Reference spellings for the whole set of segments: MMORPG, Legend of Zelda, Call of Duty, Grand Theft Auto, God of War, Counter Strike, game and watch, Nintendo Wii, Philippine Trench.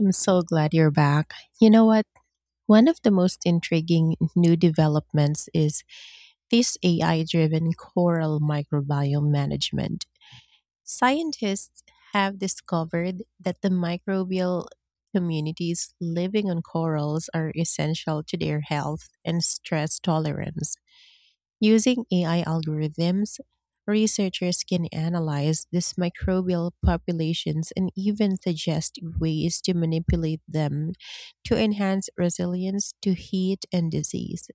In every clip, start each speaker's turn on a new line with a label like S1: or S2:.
S1: I'm so glad you're back. You know what? One of the most intriguing new developments is this AI driven coral microbiome management. Scientists have discovered that the microbial communities living on corals are essential to their health and stress tolerance. Using AI algorithms, researchers can analyze these microbial populations and even suggest ways to manipulate them to enhance resilience to heat and disease.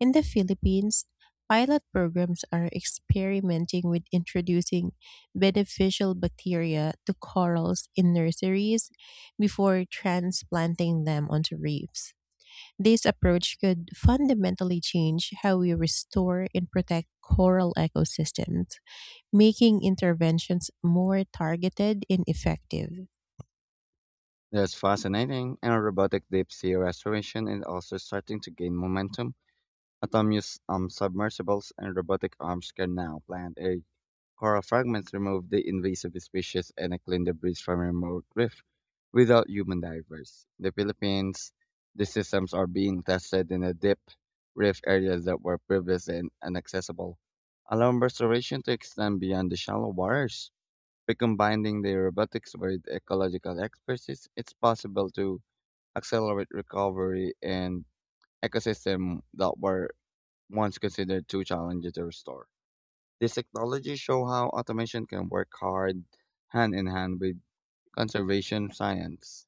S1: In the Philippines, pilot programs are experimenting with introducing beneficial bacteria to corals in nurseries before transplanting them onto reefs. This approach could fundamentally change how we restore and protect coral ecosystems, making interventions more targeted and effective.
S2: That's fascinating. And robotic deep sea restoration is also starting to gain momentum. Autonomous submersibles and robotic arms can now plant a coral fragments, remove the invasive species, and clean debris from remote reef without human divers. The Philippines, the systems are being tested in the deep reef areas that were previously inaccessible, allowing restoration to extend beyond the shallow waters. By combining the robotics with ecological expertise, it's possible to accelerate recovery in ecosystems that were once considered too challenging to restore. These technologies show how automation can work hard hand in hand with conservation science.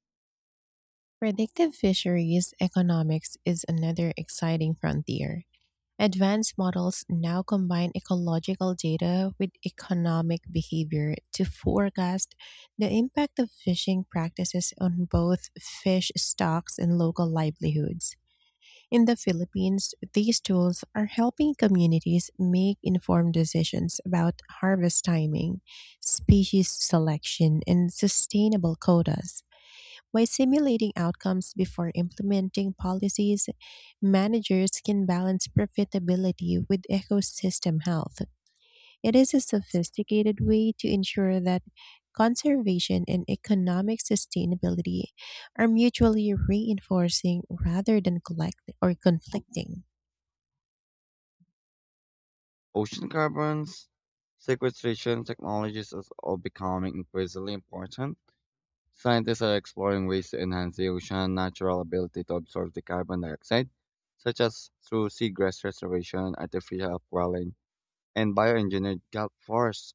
S1: Predictive fisheries economics is another exciting frontier. Advanced models now combine ecological data with economic behavior to forecast the impact of fishing practices on both fish stocks and local livelihoods. In the Philippines, these tools are helping communities make informed decisions about harvest timing, species selection, and sustainable quotas. By simulating outcomes before implementing policies, managers can balance profitability with ecosystem health. It is a sophisticated way to ensure that conservation and economic sustainability are mutually reinforcing rather than collect or conflicting.
S2: Ocean carbons sequestration technologies is all becoming increasingly important. Scientists are exploring ways to enhance the ocean's natural ability to absorb the carbon dioxide, such as through seagrass restoration, artificial upwelling, and bioengineered kelp forests.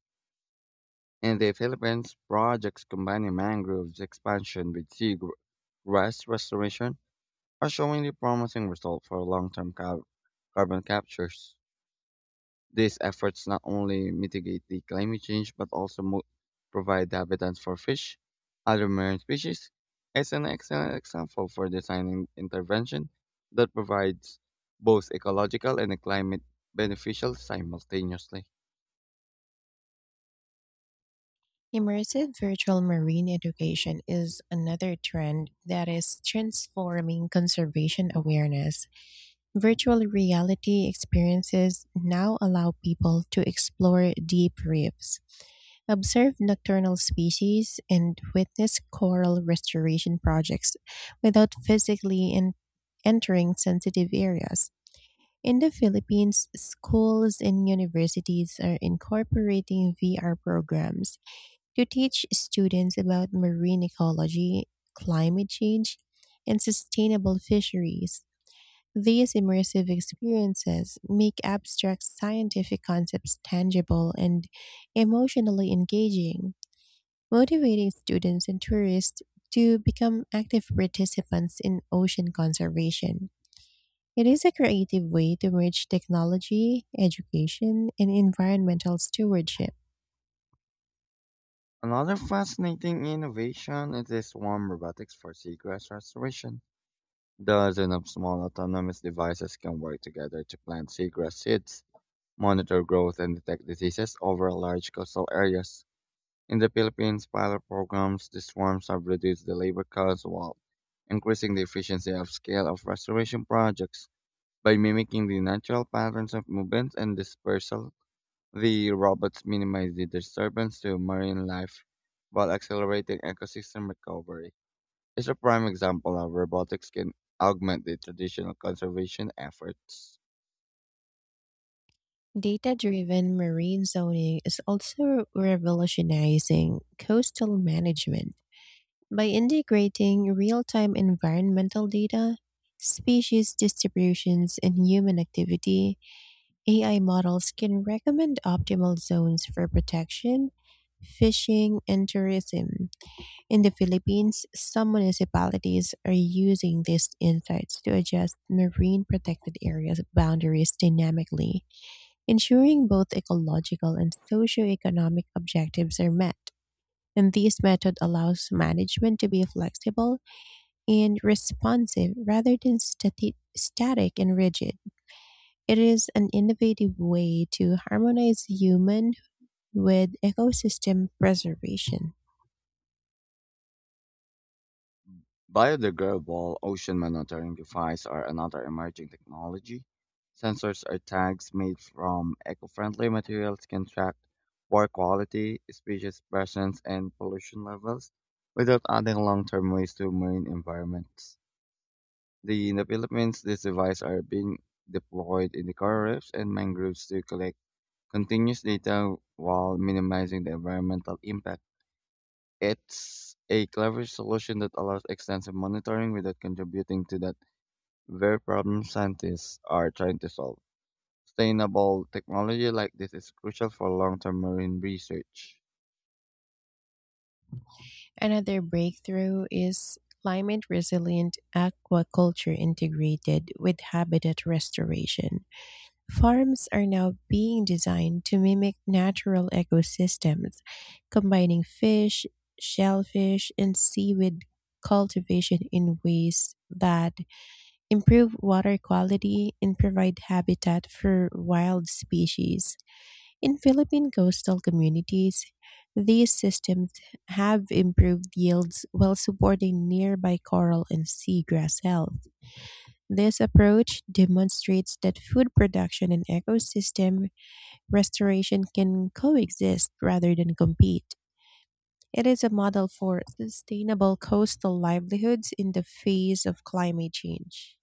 S2: In the Philippines, projects combining mangroves expansion with seagrass restoration are showing the promising results for long-term carbon captures. These efforts not only mitigate the climate change but also provide habitats for fish, other marine species. It's an excellent example for designing intervention that provides both ecological and climate beneficial simultaneously.
S1: Immersive virtual marine education is another trend that is transforming conservation awareness. Virtual reality experiences now allow people to explore deep reefs, observe nocturnal species, and witness coral restoration projects without physically entering sensitive areas. In the Philippines, schools and universities are incorporating VR programs to teach students about marine ecology, climate change, and sustainable fisheries. These immersive experiences make abstract scientific concepts tangible and emotionally engaging, motivating students and tourists to become active participants in ocean conservation. It is a creative way to merge technology, education, and environmental stewardship.
S2: Another fascinating innovation is the swarm robotics for seagrass restoration. Dozens of small autonomous devices can work together to plant seagrass seeds, monitor growth, and detect diseases over large coastal areas. In the Philippines, pilot programs, these farms have reduced the labor costs while increasing the efficiency of scale of restoration projects. By mimicking the natural patterns of movement and dispersal, the robots minimize the disturbance to marine life while accelerating ecosystem recovery. It's a prime example of robotics can augment the traditional conservation efforts.
S1: Data driven marine zoning is also revolutionizing coastal management by integrating real time environmental data, species distributions, and human activity. AI models can recommend optimal zones for protection, fishing, and tourism. In the Philippines, some municipalities are using these insights to adjust marine protected areas boundaries dynamically, ensuring both ecological and socioeconomic objectives are met. And this method allows management to be flexible and responsive rather than static and rigid. It is an innovative way to harmonize human with ecosystem preservation.
S2: Biodegradable ocean monitoring devices are another emerging technology. Sensors or tags made from eco-friendly materials can track water quality, species presence, and pollution levels without adding long-term waste to marine environments. In the Philippines, these devices are being deployed in the coral reefs and mangroves to collect continuous data while minimizing the environmental impact. It's a clever solution that allows extensive monitoring without contributing to that very problem scientists are trying to solve. Sustainable technology like this is crucial for long term marine research.
S1: Another breakthrough is climate resilient aquaculture integrated with habitat restoration. Farms are now being designed to mimic natural ecosystems, combining fish, shellfish, and seaweed cultivation in ways that improve water quality and provide habitat for wild species. In Philippine coastal communities, these systems have improved yields while supporting nearby coral and seagrass health. This approach demonstrates that food production and ecosystem restoration can coexist rather than compete. It is a model for sustainable coastal livelihoods in the face of climate change.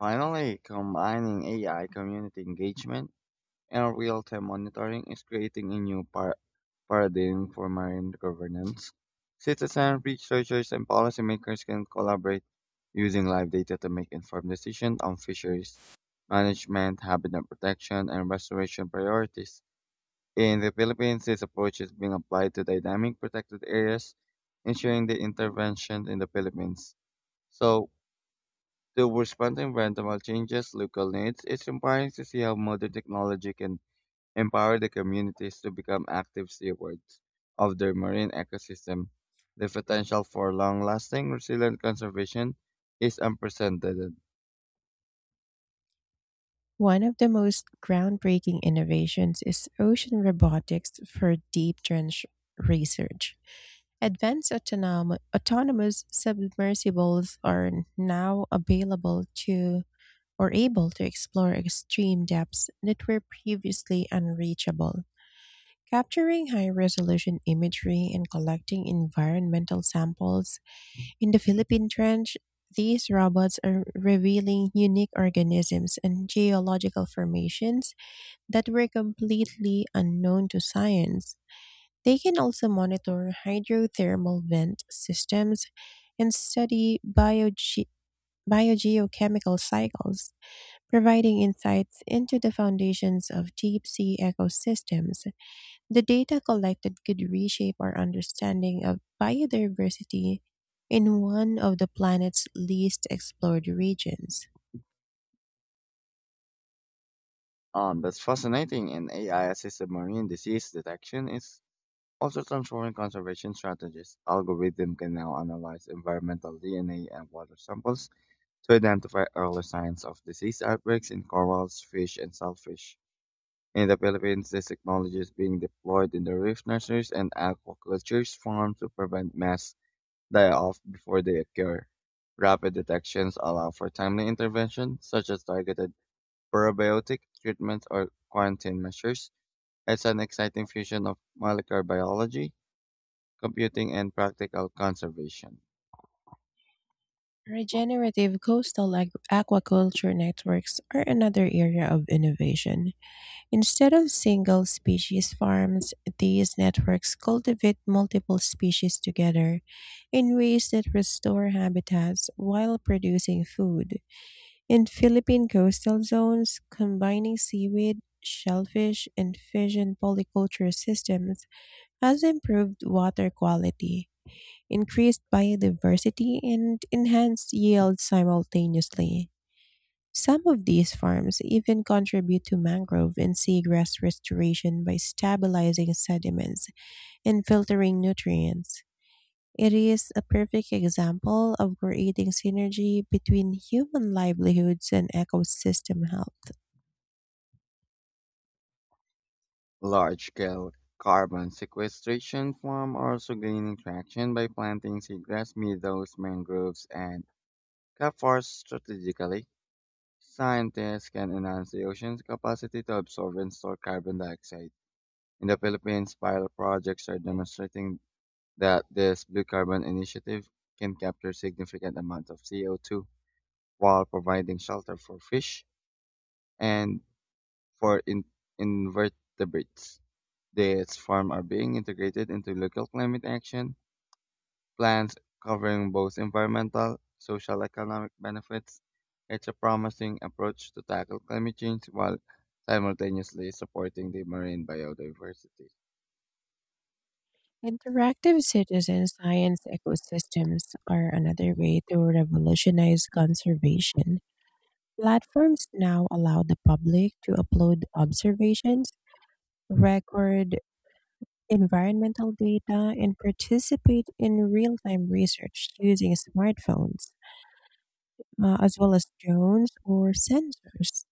S2: Finally, combining AI community engagement and real-time monitoring is creating a new paradigm for marine governance. Citizens, researchers, and policymakers can collaborate using live data to make informed decisions on fisheries management, habitat protection, and restoration priorities. In the Philippines, this approach is being applied to dynamic protected areas, ensuring the intervention in the Philippines. So, to respond to environmental changes, local needs, it's empowering to see how modern technology can empower the communities to become active stewards of their marine ecosystem. The potential for long lasting, resilient conservation is unprecedented.
S1: One of the most groundbreaking innovations is ocean robotics for deep trench research. Autonomous submersibles are now available to or able to explore extreme depths that were previously unreachable, capturing high resolution imagery and collecting environmental samples. In the Philippine Trench, these robots are revealing unique organisms and geological formations that were completely unknown to science. They can also monitor hydrothermal vent systems and study biogeochemical cycles, providing insights into the foundations of deep sea ecosystems. The data collected could reshape our understanding of biodiversity in one of the planet's least explored regions.
S2: That's fascinating, and AI assisted marine disease detection is also transforming conservation strategies. Algorithm can now analyze environmental DNA and water samples to identify early signs of disease outbreaks in corals, fish, and shellfish. In the Philippines, this technology is being deployed in the reef nurseries and aquaculture farms to prevent mass die-off before they occur. Rapid detections allow for timely intervention, such as targeted probiotic treatments or quarantine measures. It's an exciting fusion of molecular biology, computing, and practical conservation.
S1: Aquaculture networks are another area of innovation. Instead of single species farms, these networks cultivate multiple species together in ways that restore habitats while producing food. In Philippine coastal zones, combining seaweed, shellfish, and fish in polyculture systems has improved water quality, increased biodiversity, and enhanced yield simultaneously. Some of these farms even contribute to mangrove and seagrass restoration by stabilizing sediments and filtering nutrients. It is a perfect example of creating synergy between human livelihoods and ecosystem health.
S2: Large-scale carbon sequestration farms are also gaining traction by planting seagrass, meadows, mangroves, and cap forests strategically. Scientists can enhance the ocean's capacity to absorb and store carbon dioxide. In the Philippines, pilot projects are demonstrating that this blue carbon initiative can capture significant amounts of CO2 while providing shelter for fish and for invertebrates. These farms are being integrated into local climate action plans covering both environmental, social economic benefits. It's a promising approach to tackle climate change while simultaneously supporting the marine biodiversity.
S1: Interactive citizen science ecosystems are another way to revolutionize conservation. Platforms now allow the public to upload observations, record environmental data, and participate in real time research using smartphones, as well as drones or sensors.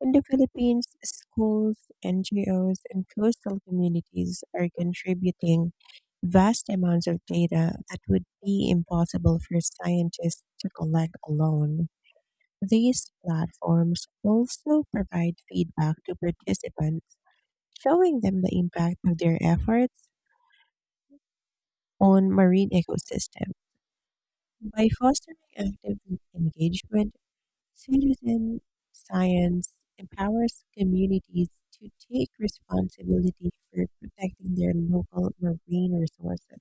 S1: In the Philippines, schools, NGOs, and coastal communities are contributing vast amounts of data that would be impossible for scientists to collect alone. These platforms also provide feedback to participants, showing them the impact of their efforts on marine ecosystem. By fostering active engagement, citizen science empowers communities to take responsibility for protecting their local marine resources.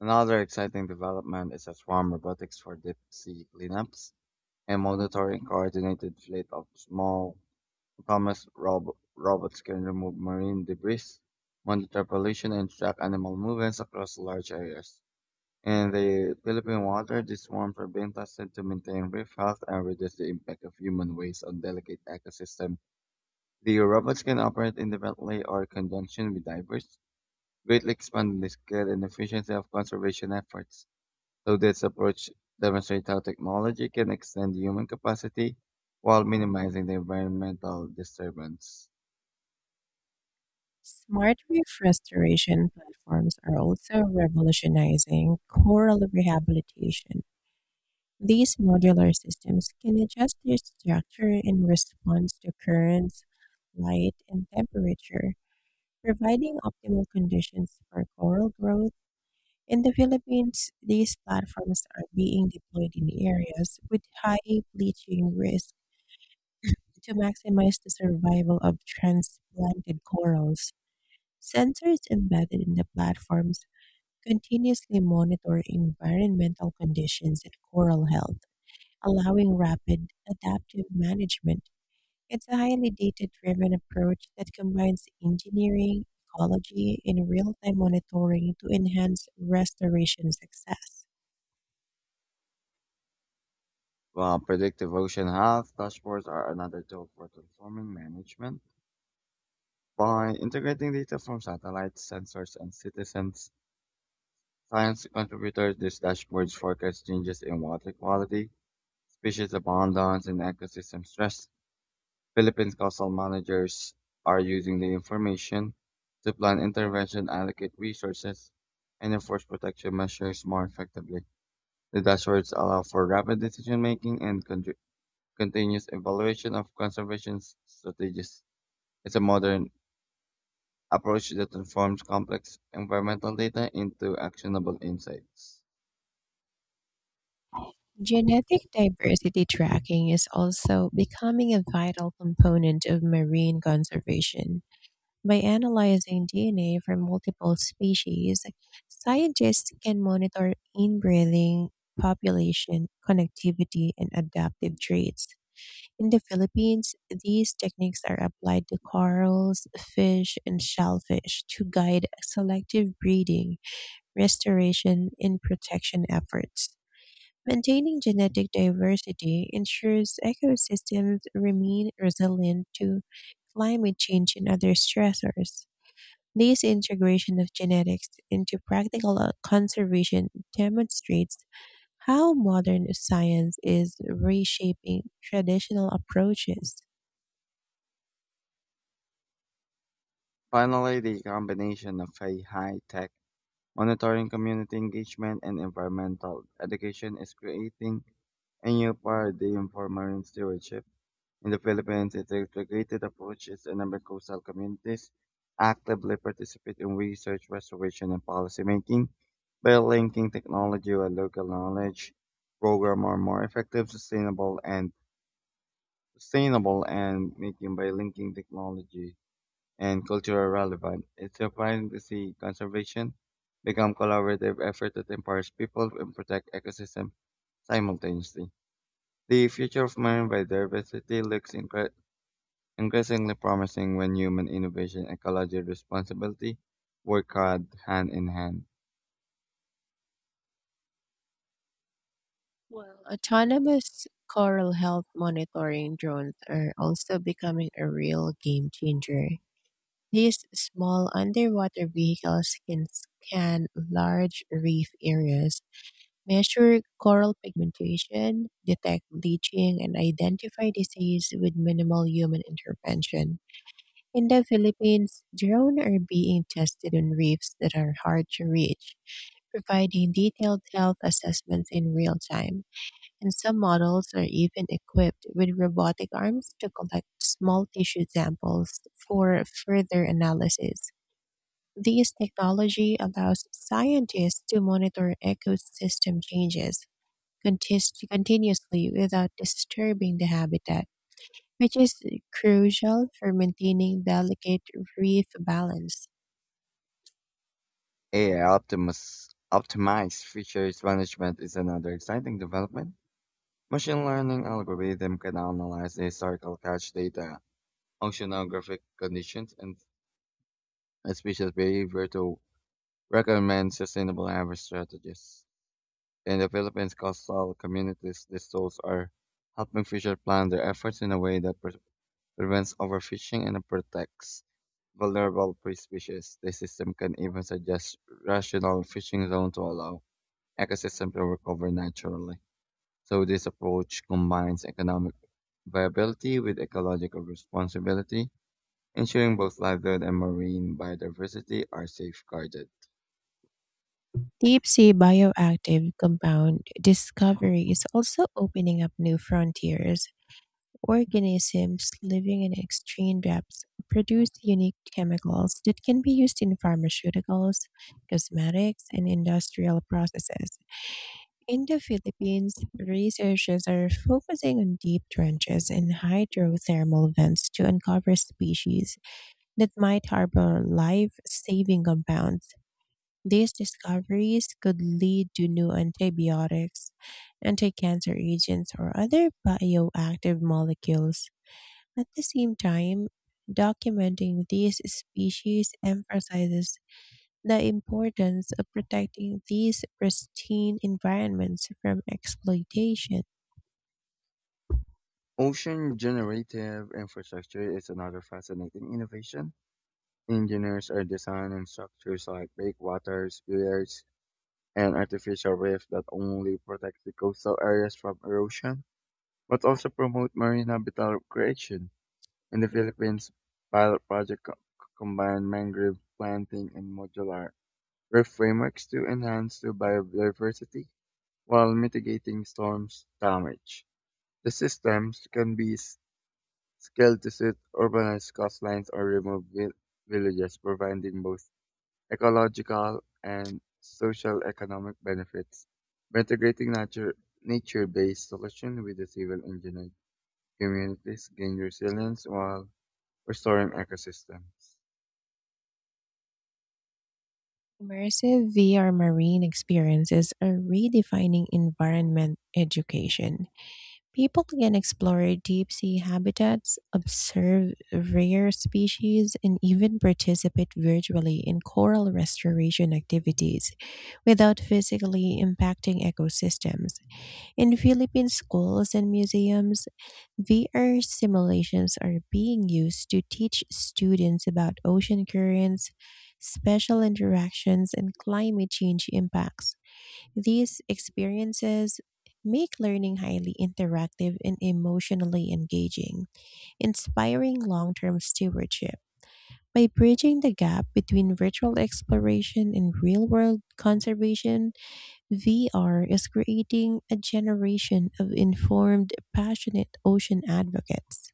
S2: Another exciting development is a swarm robotics for deep sea cleanups and monitoring coordinated fleet of small autonomous robots can remove marine debris, monitor pollution, and track animal movements across large areas. In the Philippine water, these swarms are being tested to maintain reef health and reduce the impact of human waste on delicate ecosystem. The robots can operate independently or in conjunction with divers, greatly expanding the scale and efficiency of conservation efforts. So this approach demonstrates how technology can extend human capacity while minimizing the environmental disturbance.
S1: Smart reef restoration platforms are also revolutionizing coral rehabilitation. These modular systems can adjust their structure in response to currents, light, and temperature, providing optimal conditions for coral growth. In the Philippines, these platforms are being deployed in areas with high bleaching risk to maximize the survival of transplanted corals. Sensors embedded in the platforms continuously monitor environmental conditions and coral health, allowing rapid adaptive management. It's a highly data driven approach that combines engineering, ecology, and real time monitoring to enhance restoration success.
S2: While predictive ocean health dashboards are another tool for transforming management. By integrating data from satellites, sensors, and citizens, science contributors, these dashboards forecast changes in water quality, species abundance, and ecosystem stress. Philippines coastal managers are using the information to plan intervention, allocate resources, and enforce protection measures more effectively. The dashboards allow for rapid decision making and continuous evaluation of conservation strategies. It's a modern approach that transforms complex environmental data into actionable insights.
S1: Genetic diversity tracking is also becoming a vital component of marine conservation. By analyzing DNA from multiple species, scientists can monitor inbreeding, population, connectivity, and adaptive traits. In the Philippines, these techniques are applied to corals, fish, and shellfish to guide selective breeding, restoration, and protection efforts. Maintaining genetic diversity ensures ecosystems remain resilient to climate change and other stressors. This integration of genetics into practical conservation demonstrates how modern science is reshaping traditional approaches.
S2: Finally, the combination of a high-tech monitoring, community engagement, and environmental education is creating a new paradigm for marine stewardship. In the Philippines, its integrated approaches enable coastal communities actively participate in research, restoration, and policy making by linking technology with local knowledge. Program are more effective, sustainable, and sustainable and making by linking technology and cultural relevance. It's surprising to see conservation become collaborative effort that empowers people and protect ecosystem simultaneously. The future of marine biodiversity looks increasingly promising when human innovation and ecological responsibility work hard hand in hand.
S1: Autonomous coral health monitoring drones are also becoming a real game changer. These small underwater vehicles can scan large reef areas, measure coral pigmentation, detect bleaching, and identify disease with minimal human intervention. In the Philippines, drones are being tested on reefs that are hard to reach, providing detailed health assessments in real time. And some models are even equipped with robotic arms to collect small tissue samples for further analysis. This technology allows scientists to monitor ecosystem changes continuously without disturbing the habitat, which is crucial for maintaining delicate reef balance.
S2: AI optimized fisheries management is another exciting development. Machine learning algorithms can analyze the historical catch data, oceanographic conditions, and species behavior to recommend sustainable harvest strategies. In the Philippines coastal communities, these tools are helping fisher plan their efforts in a way that prevents overfishing and protects vulnerable prey species. The system can even suggest rational fishing zone to allow ecosystem to recover naturally. So this approach combines economic viability with ecological responsibility, ensuring both livelihood and marine biodiversity are safeguarded.
S1: Deep sea bioactive compound discovery is also opening up new frontiers. Organisms living in extreme depths produce unique chemicals that can be used in pharmaceuticals, cosmetics, and industrial processes. In the Philippines, researchers are focusing on deep trenches and hydrothermal vents to uncover species that might harbor life saving compounds. These discoveries could lead to new antibiotics, anti-cancer agents, or other bioactive molecules. At the same time, documenting these species emphasizes the importance of protecting these pristine environments from exploitation.
S2: Ocean generative infrastructure is another fascinating innovation. Engineers are designing structures like breakwaters, piers, and artificial reefs that only protect the coastal areas from erosion, but also promote marine habitat creation. In the Philippines, pilot projects combine mangrove planting and modular reef frameworks to enhance the biodiversity while mitigating storms damage. The systems can be scaled to suit urbanized coastlines or remote villages, providing both ecological and social economic benefits. By integrating nature-based solutions with the civil engineering communities gain resilience while restoring ecosystems.
S1: Immersive VR marine experiences are redefining environment education. People can explore deep sea habitats, observe rare species, and even participate virtually in coral restoration activities without physically impacting ecosystems. In Philippine schools and museums, VR simulations are being used to teach students about ocean currents, special interactions, and climate change impacts. These experiences make learning highly interactive and emotionally engaging, inspiring long term stewardship. By bridging the gap between virtual exploration and real world conservation, VR is creating a generation of informed, passionate ocean advocates.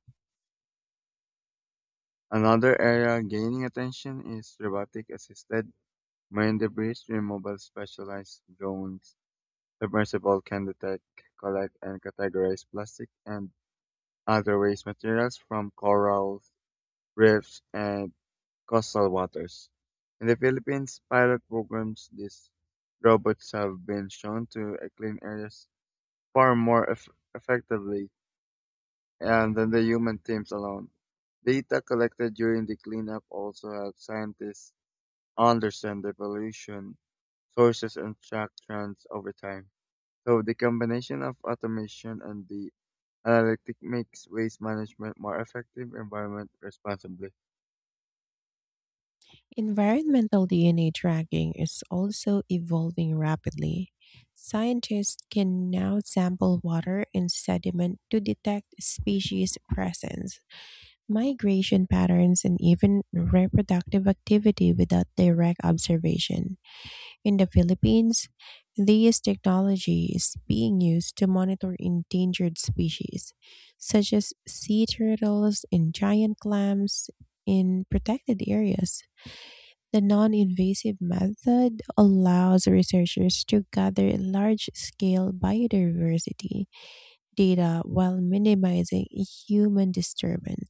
S2: Another area gaining attention is robotic assisted marine debris removal specialized drones. Submersible can detect, collect, and categorize plastic and other waste materials from corals, reefs, and coastal waters. In the Philippines, pilot programs these robots have been shown to clean areas far more effectively and then the human teams alone. Data collected during the cleanup also helped scientists understand the evolution, sources, and track trends over time. So the combination of automation and the analytic makes waste management more effective, environment responsibly.
S1: Environmental DNA tracking is also evolving rapidly. Scientists can now sample water and sediment to detect species presence, migration patterns, and even reproductive activity without direct observation. In the Philippines, this technology is being used to monitor endangered species, such as sea turtles and giant clams, in protected areas. The non invasive method allows researchers to gather large scale biodiversity data while minimizing human disturbance.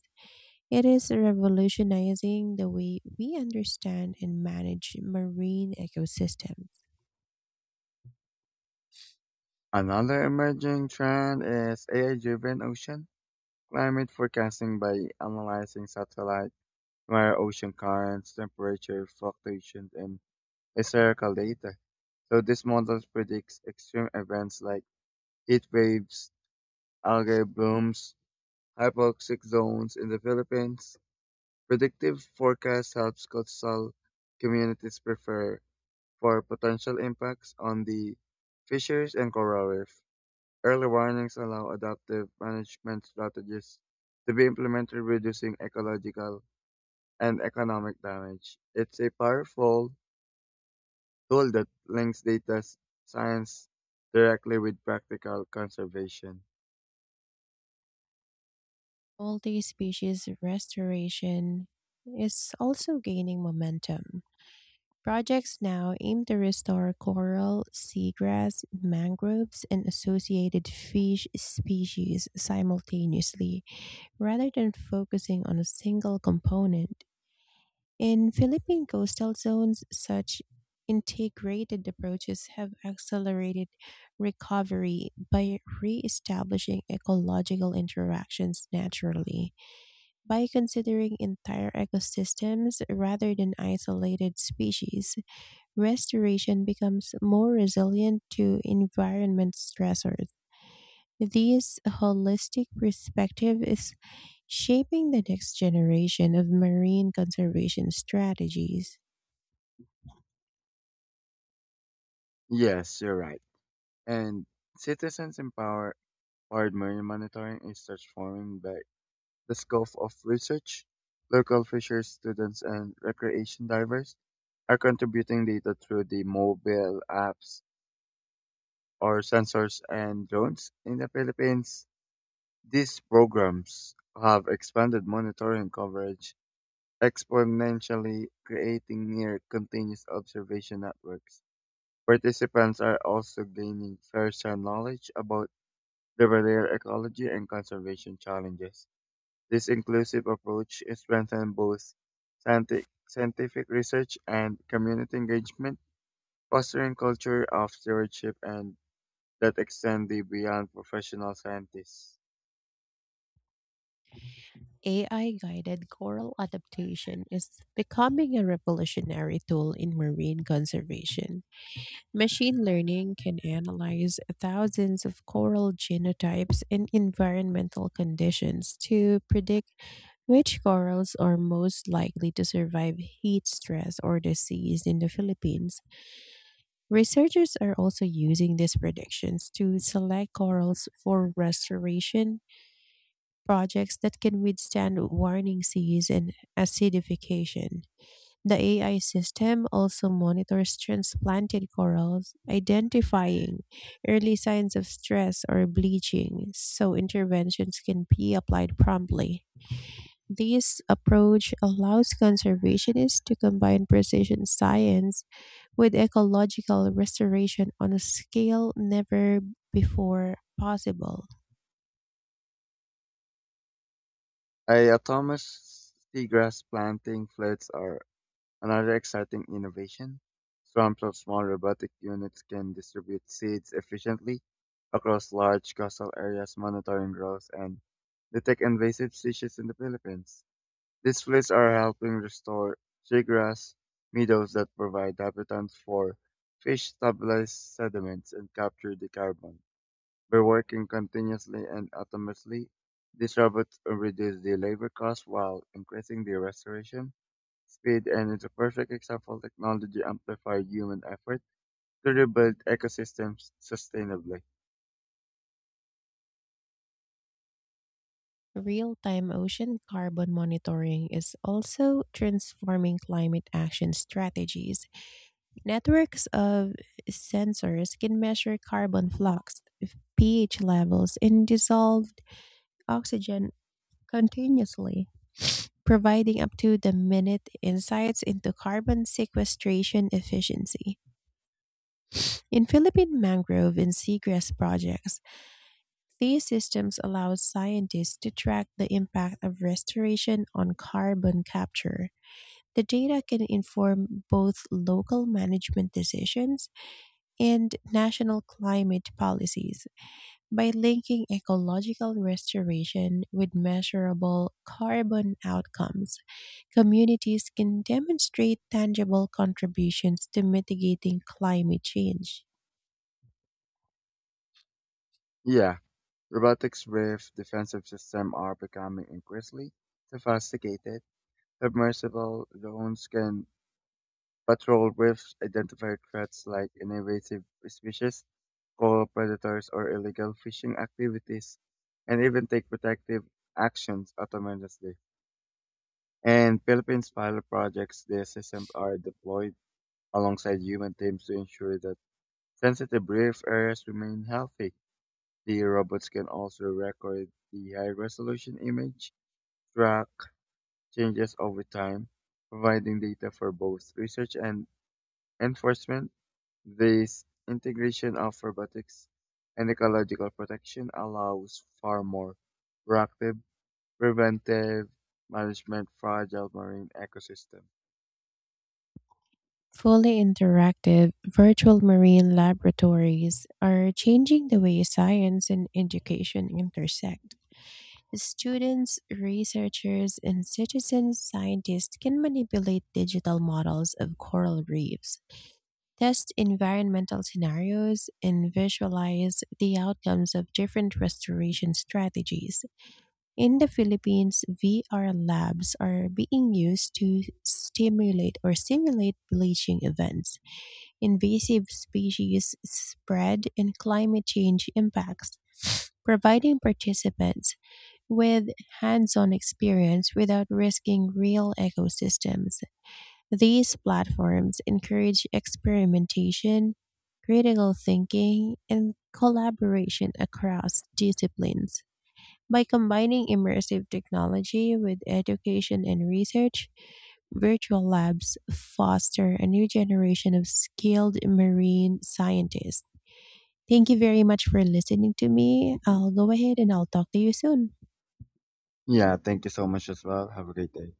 S1: It is revolutionizing the way we understand and manage marine ecosystems.
S2: Another emerging trend is AI-driven ocean climate forecasting by analyzing satellite, where ocean currents, temperature fluctuations, and a data. So this model predicts extreme events like heat waves, algae blooms, hypoxic zones in the Philippines. Predictive forecast helps coastal communities prepare for potential impacts on the fisheries and coral reef. Early warnings allow adaptive management strategies to be implemented, reducing ecological and economic damage. It's a powerful tool that links data science directly with practical conservation.
S1: Multi species restoration is also gaining momentum. Projects now aim to restore coral, seagrass, mangroves, and associated fish species simultaneously, rather than focusing on a single component. In Philippine coastal zones, such integrated approaches have accelerated recovery by re-establishing ecological interactions naturally. By considering entire ecosystems rather than isolated species, restoration becomes more resilient to environment stressors. This holistic perspective is shaping the next generation of marine conservation strategies.
S2: Yes, you're right. And citizens empower powered marine monitoring is transforming back the scope of research. Local fisher students and recreation divers are contributing data through the mobile apps or sensors and drones in the Philippines. These programs have expanded monitoring coverage exponentially creating near-continuous observation networks, participants are also gaining firsthand knowledge about the barrier ecology and conservation challenges. This inclusive approach strengthens both scientific research and community engagement, fostering culture of stewardship and that extend the beyond professional scientists.
S1: AI guided coral adaptation is becoming a revolutionary tool in marine conservation. Machine learning can analyze thousands of coral genotypes and environmental conditions to predict which corals are most likely to survive heat stress or disease. In the Philippines, researchers are also using these predictions to select corals for restoration projects that can withstand warning seas and acidification. The AI system also monitors transplanted corals, identifying early signs of stress or bleaching so interventions can be applied promptly. This approach allows conservationists to combine precision science with ecological restoration on a scale never before possible.
S2: A Thomas seagrass planting floods are another exciting innovation, swarms of small robotic units can distribute seeds efficiently across large coastal areas, monitoring growth and detect invasive species in the Philippines. These fleets are helping restore seagrass meadows that provide habitats for fish, stabilize sediments, and capture the carbon. By working continuously and autonomously, these robots reduce the labor costs while increasing the restoration speed and is a perfect example technology amplified human effort to rebuild ecosystems sustainably.
S1: Real time ocean carbon monitoring is also transforming climate action strategies. Networks of sensors can measure carbon flux, pH levels, and dissolved oxygen continuously, providing up to the minute insights into carbon sequestration efficiency. In Philippine mangrove and seagrass projects, these systems allow scientists to track the impact of restoration on carbon capture. The data can inform both local management decisions and national climate policies by linking ecological restoration with measurable carbon outcomes. Communities can demonstrate tangible contributions to mitigating climate change.
S2: Yeah, robotics with defensive systems are becoming increasingly sophisticated. Submersible drones can patrol with identified threats like invasive species, coral predators, or illegal fishing activities, and even take protective actions autonomously. And Philippines pilot projects, the systems are deployed alongside human teams to ensure that sensitive brief areas remain healthy, the robots can also record the high-resolution image, track changes over time, providing data for both research and enforcement. This integration of robotics and ecological protection allows far more proactive, preventive management fragile marine ecosystem.
S1: Fully interactive virtual marine laboratories are changing the way science and education intersect. Students, researchers, and citizen scientists can manipulate digital models of coral reefs, test environmental scenarios, and visualize the outcomes of different restoration strategies. In the Philippines, VR labs are being used to stimulate or simulate bleaching events, invasive species spread, and climate change impacts, providing participants with hands on experience without risking real ecosystems. These platforms encourage experimentation, critical thinking, and collaboration across disciplines. By combining immersive technology with education and research, virtual labs foster a new generation of skilled marine scientists. Thank you very much for listening to me. I'll go ahead and I'll talk to you soon.
S2: Yeah, thank you so much as well. Have a great day.